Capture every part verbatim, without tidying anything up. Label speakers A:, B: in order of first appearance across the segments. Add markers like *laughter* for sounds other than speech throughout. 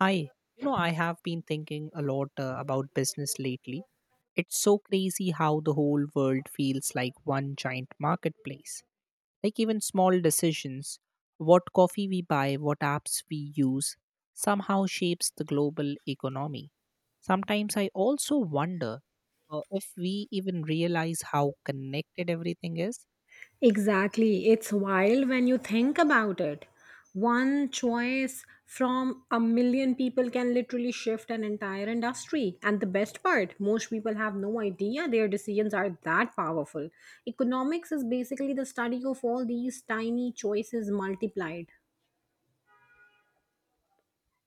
A: Hi, you know, I have been thinking a lot uh, about business lately. It's so crazy how the whole world feels like one giant marketplace. Like, even small decisions, what coffee we buy, what apps we use, somehow shapes the global economy. Sometimes I also wonder uh, if we even realize how connected everything is.
B: Exactly. It's wild when you think about it. One choice from a million people can literally shift an entire industry. And the best part, most people have no idea their decisions are that powerful. Economics is basically the study of all these tiny choices multiplied.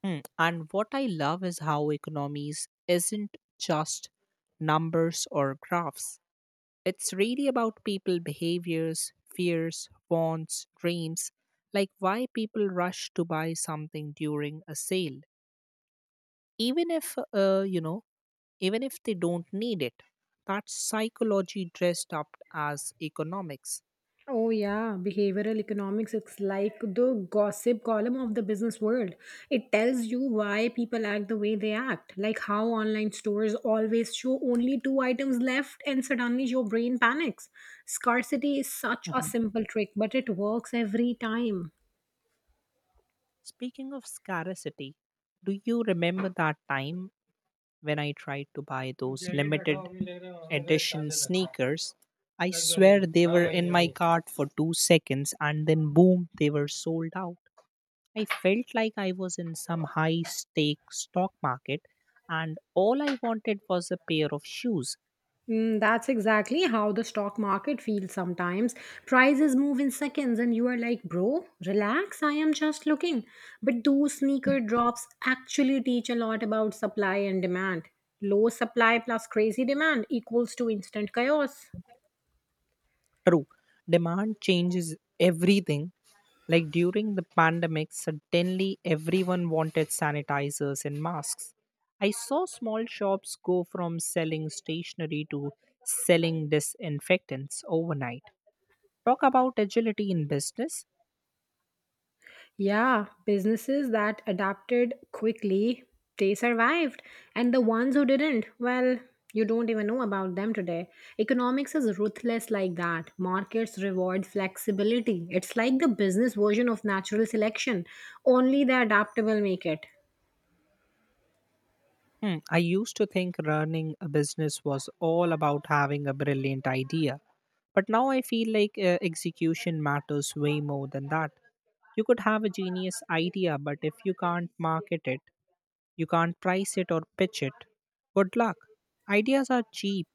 A: Hmm. And what I love is how economies isn't just numbers or graphs. It's really about people behaviors, fears, wants, dreams, like why people rush to buy something during a sale even if uh, you know even if they don't need it. That's psychology dressed up as economics.
B: Oh, yeah, behavioral economics is like the gossip column of the business world. It tells you why people act the way they act, like how online stores always show only two items left and suddenly your brain panics. Scarcity is such a
A: Mhm.
B: simple trick, but it works every time.
A: Speaking of scarcity, do you remember that time when I tried to buy those limited edition sneakers? I swear they were in my cart for two seconds and then boom, they were sold out. I felt like I was in some high stake stock market and all I wanted was a pair of shoes.
B: Mm, that's exactly how the stock market feels sometimes. Prices move in seconds, and you are like, bro, relax, I am just looking. But those sneaker drops actually teach a lot about supply and demand. Low supply plus crazy demand equals to instant chaos.
A: True, demand changes everything. Like during the pandemic, suddenly everyone wanted sanitizers and masks. I saw small shops go from selling stationery to selling disinfectants overnight. Talk about agility in business.
B: Yeah, businesses that adapted quickly, they survived. And the ones who didn't, well, you don't even know about them today. Economics is ruthless like that. Markets reward flexibility. It's like the business version of natural selection, only the adaptable make it.
A: Hmm, I used to think running a business was all about having a brilliant idea. But now I feel like uh, execution matters way more than that. You could have a genius idea, but if you can't market it, you can't price it or pitch it. Good luck. Ideas are cheap,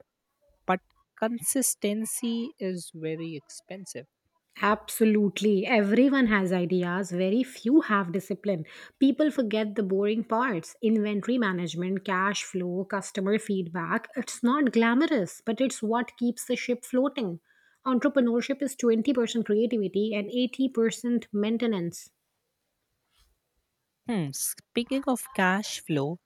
A: but consistency is very expensive.
B: Absolutely. Everyone has ideas, very few have discipline. People forget the boring parts inventory management, cash flow, customer feedback. It's not glamorous, but it's what keeps the ship floating. Entrepreneurship is twenty percent creativity and eighty percent maintenance.
A: Hmm, speaking of cash flow,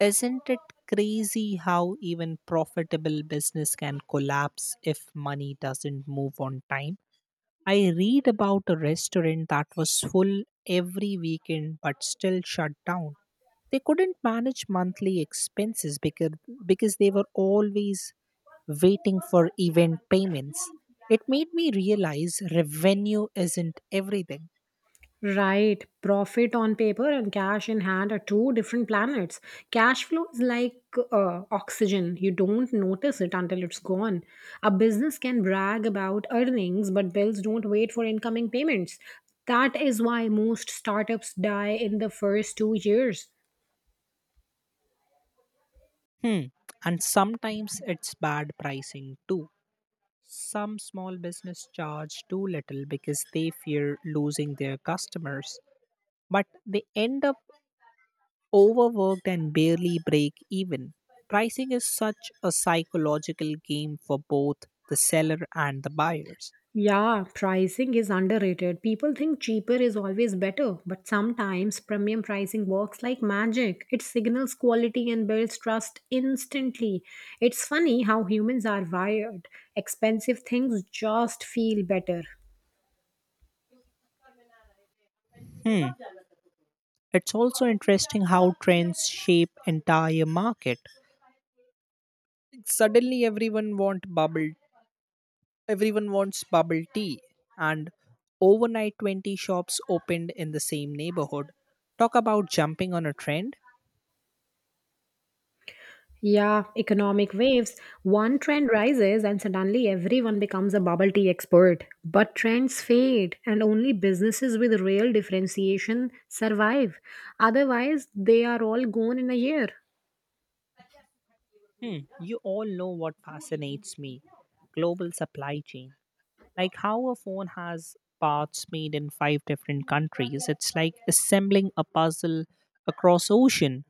A: isn't it crazy how even profitable business can collapse if money doesn't move on time? I read about a restaurant that was full every weekend but still shut down. They couldn't manage monthly expenses because, because they were always waiting for event payments. It made me realize revenue isn't everything.
B: Right. Profit on paper and cash in hand are two different planets. Cash flow is like uh, oxygen. You don't notice it until it's gone. A business can brag about earnings, but bills don't wait for incoming payments. That is why most startups die in the first two years.
A: Hmm. And sometimes it's bad pricing too. Some small business charge too little because they fear losing their customers, but they end up overworked and barely break even. Pricing is such a psychological game for both the seller and the buyers.
B: Yeah, pricing is underrated. People think cheaper is always better, but sometimes premium pricing works like magic. It signals quality and builds trust instantly. It's funny how humans are wired. Expensive things just feel better.
A: Hmm. It's also interesting how trends shape entire market. Suddenly everyone want bubble Everyone wants bubble tea and overnight twenty shops opened in the same neighborhood. Talk about jumping on a trend.
B: Yeah, economic waves. One trend rises and suddenly everyone becomes a bubble tea expert. But trends fade and only businesses with real differentiation survive. Otherwise, they are all gone in a year.
A: Hmm. You all know what fascinates me. Global supply chain. Like how a phone has parts made in five different countries. It's like assembling a puzzle across ocean.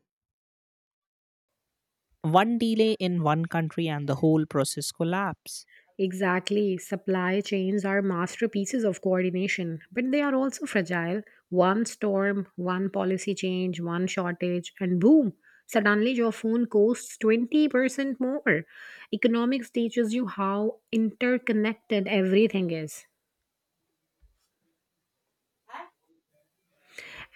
A: One delay in one country and the whole process collapse.
B: Exactly. Supply chains are masterpieces of coordination, but they are also fragile. One storm, one policy change, one shortage, and boom, suddenly your phone costs twenty percent more. Economics teaches you how interconnected everything is.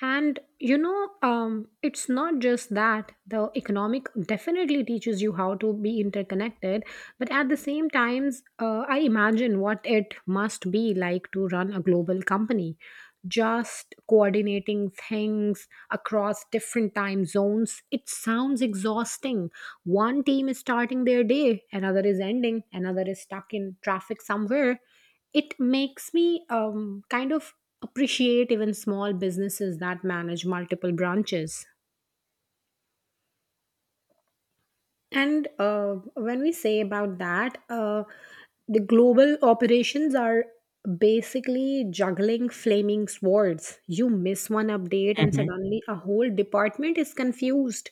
B: And you know, um, it's not just that the economic definitely teaches you how to be interconnected, but at the same times, uh, I imagine what it must be like to run a global company. Just coordinating things across different time zones, it sounds exhausting. One team is starting their day, another is ending, another is stuck in traffic somewhere. It makes me um, kind of appreciate even small businesses that manage multiple branches. And uh, when we say about that, uh, the global operations are basically juggling flaming swords. You miss one update, and
A: Hmm
B: suddenly a whole department is confused.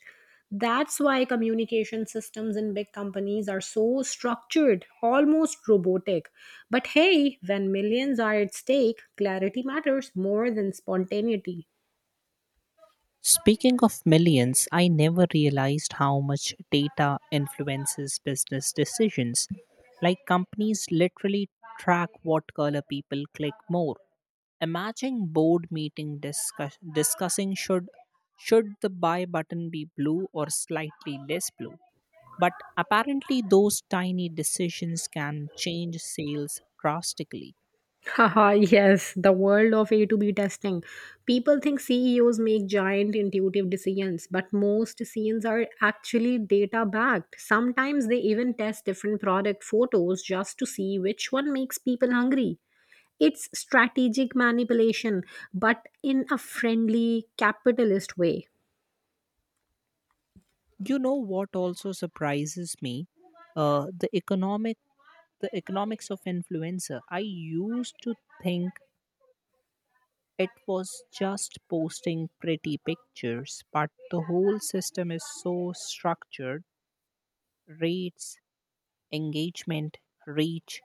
B: That's why communication systems in big companies are so structured, almost robotic. But hey, when millions are at stake, clarity matters more than spontaneity.
A: Speaking of millions, I never realized how much data influences business decisions. Like companies literally track what color people click more. Imagine board meeting discuss- discussing, should should the buy button be blue or slightly less blue. But apparently those tiny decisions can change sales drastically.
B: Haha, *laughs* yes, the world of A to B testing. People think C E Os make giant intuitive decisions, but most decisions are actually data backed. Sometimes they even test different product photos just to see which one makes people hungry. It's strategic manipulation, but in a friendly capitalist way.
A: You know what also surprises me, uh, the economic the economics of influencer. I used to think it was just posting pretty pictures, but the whole system is so structured: rates, engagement, reach,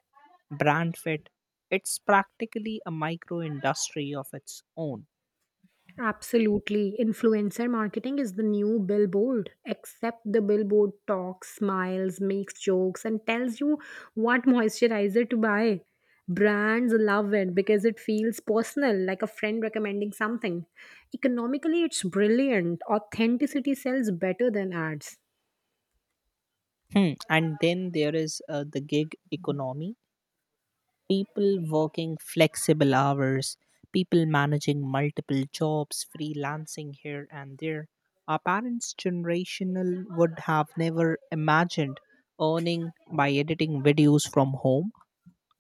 A: brand fit. It's practically a micro industry of its own.
B: Absolutely. Influencer marketing is the new billboard, except the billboard talks, smiles, makes jokes, and tells you what moisturizer to buy. Brands love it because it feels personal, like a friend recommending something. Economically, it's brilliant. Authenticity sells better than ads.
A: Hmm, and then there is uh, the gig economy, people working flexible hours, people managing multiple jobs, freelancing here and there. Our parents' generational would have never imagined earning by editing videos from home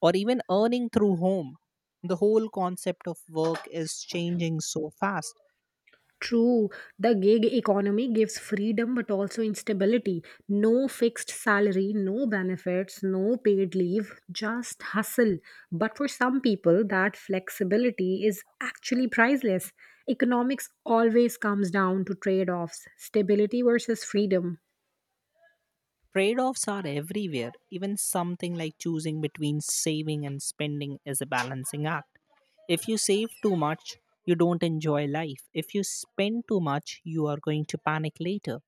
A: or even earning through home. The whole concept of work is changing so fast.
B: True, the gig economy gives freedom but also instability. No fixed salary, no benefits, no paid leave, just hustle. But for some people, that flexibility is actually priceless. Economics always comes down to trade offs stability versus freedom.
A: Trade offs are everywhere. Even something like choosing between saving and spending is a balancing act. If you save too much, you don't enjoy life. If you spend too much, you are going to panic later.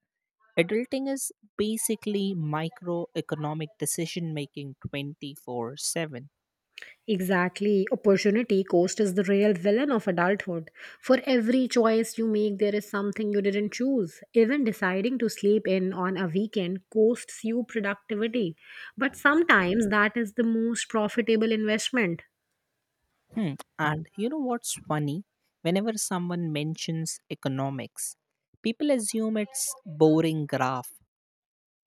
A: Adulting is basically microeconomic decision making twenty four seven.
B: Exactly. Opportunity cost is the real villain of adulthood. For every choice you make, there is something you didn't choose. Even deciding to sleep in on a weekend costs you productivity. But sometimes that is the most profitable investment.
A: Hmm. And you know what's funny? Whenever someone mentions economics, people assume it's boring graph.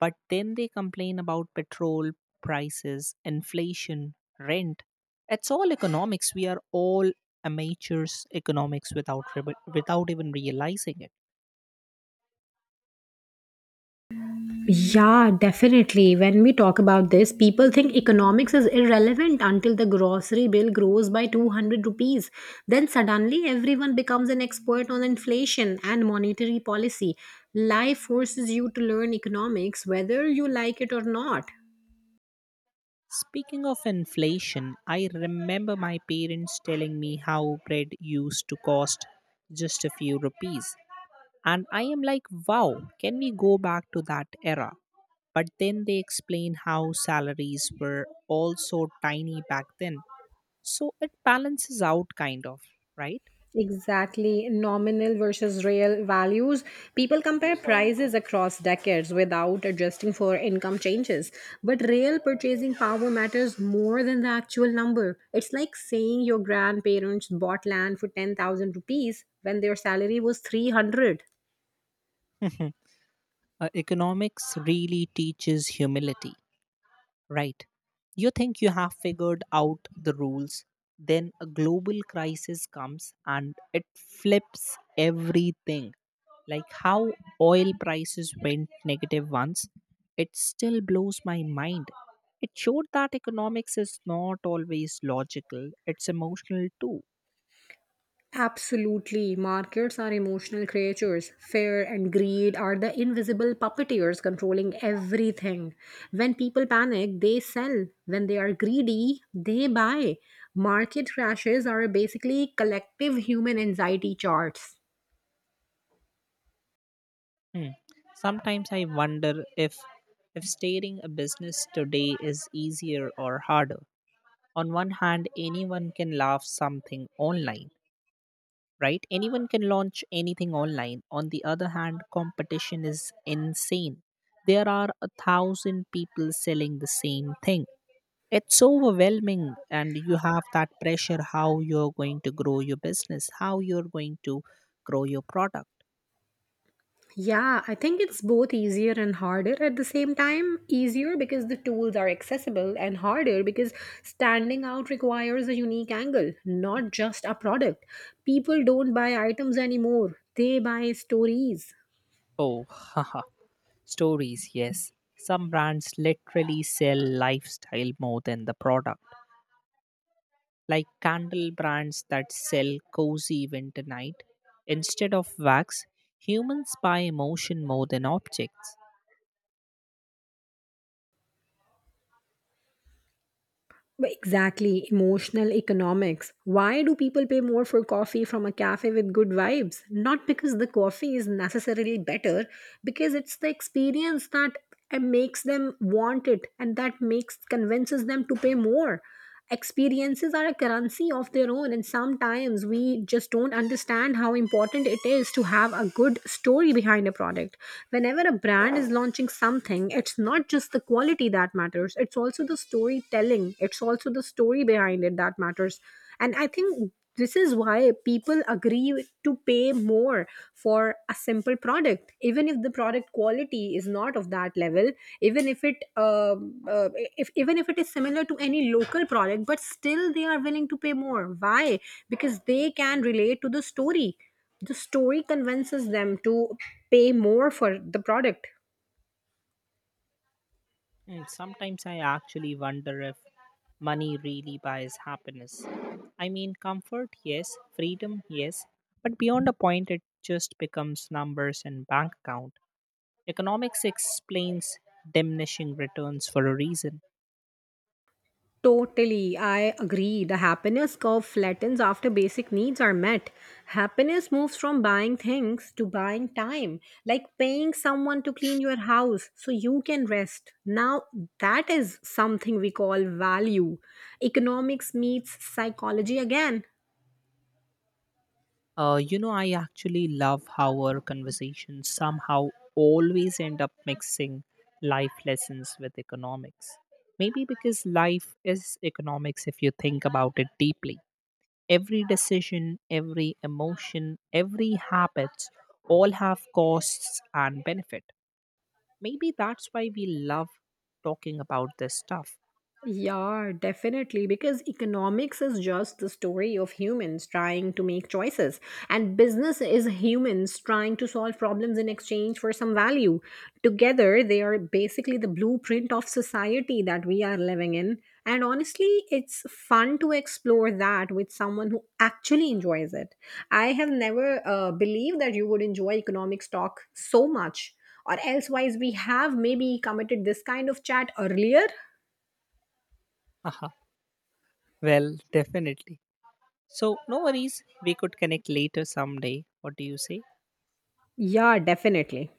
A: But then they complain about petrol prices, inflation, rent. It's all economics. We are all amateurs economics without re- without even realizing it.
B: Yeah, definitely. When we talk about this, people think economics is irrelevant until the grocery bill grows by two hundred rupees. Then suddenly everyone becomes an expert on inflation and monetary policy. Life forces you to learn economics whether you like it or not.
A: Speaking of inflation, I remember my parents telling me how bread used to cost just a few rupees. And I am like, wow, can we go back to that era? But then they explain how salaries were also tiny back then, so it balances out, kind of, right?
B: Exactly, nominal versus real values. People compare prices across decades without adjusting for income changes. But real purchasing power matters more than the actual number. It's like saying your grandparents bought land for ten thousand rupees when their salary was three hundred.
A: *laughs* Uh, economics really teaches humility, right? You think you have figured out the rules, then a global crisis comes and it flips everything. Like how oil prices went negative once, it still blows my mind. It showed that economics is not always logical, it's emotional too.
B: Absolutely. Markets are emotional creatures. Fear and greed are the invisible puppeteers controlling everything. When people panic, they sell. When they are greedy, they buy. Market crashes are basically collective human anxiety charts.
A: Hmm. Sometimes I wonder if if steering a business today is easier or harder. On one hand, anyone can launch something online, right? Anyone can launch anything online. On the other hand, competition is insane. There are a thousand people selling the same thing. It's overwhelming, and you have that pressure, how you're going to grow your business, how you're going to grow your product.
B: Yeah, I think it's both easier and harder at the same time. Easier because the tools are accessible, and harder because standing out requires a unique angle, not just a product. People don't buy items anymore, they buy stories.
A: Oh, *laughs* stories, yes. Some brands literally sell lifestyle more than the product, like candle brands that sell cozy winter night. Instead of wax, humans buy emotion more than objects.
B: Exactly, emotional economics. Why do people pay more for coffee from a cafe with good vibes? Not because the coffee is necessarily better, because it's the experience that uh, makes them want it and that makes convinces them to pay more. Experiences are a currency of their own, and sometimes we just don't understand how important it is to have a good story behind a product. Whenever a brand is launching something, it's not just the quality that matters, it's also the storytelling, it's also the story behind it that matters. And I think this is why people agree to pay more for a simple product, even if the product quality is not of that level, even if it um uh, if even if it is similar to any local product, but still they are willing to pay more. Why? Because they can relate to the story. The story convinces them to pay more for the product.
A: And sometimes I actually wonder if money really buys happiness. I mean, comfort, yes, freedom, yes, but beyond a point, it just becomes numbers and bank account. Economics explains diminishing returns for a reason.
B: Totally, I agree. The happiness curve flattens after basic needs are met. Happiness moves from buying things to buying time, like paying someone to clean your house so you can rest. Now, that is something we call value. Economics meets psychology again.
A: Uh, you know, I actually love how our conversations somehow always end up mixing life lessons with economics. Maybe because life is economics if you think about it deeply. Every decision, every emotion, every habit all have costs and benefit. Maybe that's why we love talking about this stuff.
B: Yeah, definitely. Because economics is just the story of humans trying to make choices, and business is humans trying to solve problems in exchange for some value. Together, they are basically the blueprint of society that we are living in. And honestly, it's fun to explore that with someone who actually enjoys it. I have never uh, believed that you would enjoy economics talk so much. Or elsewise, we have maybe committed this kind of chat earlier.
A: Haha, well, definitely. So, no worries, we could connect later someday. What do you say?
B: Yeah, definitely.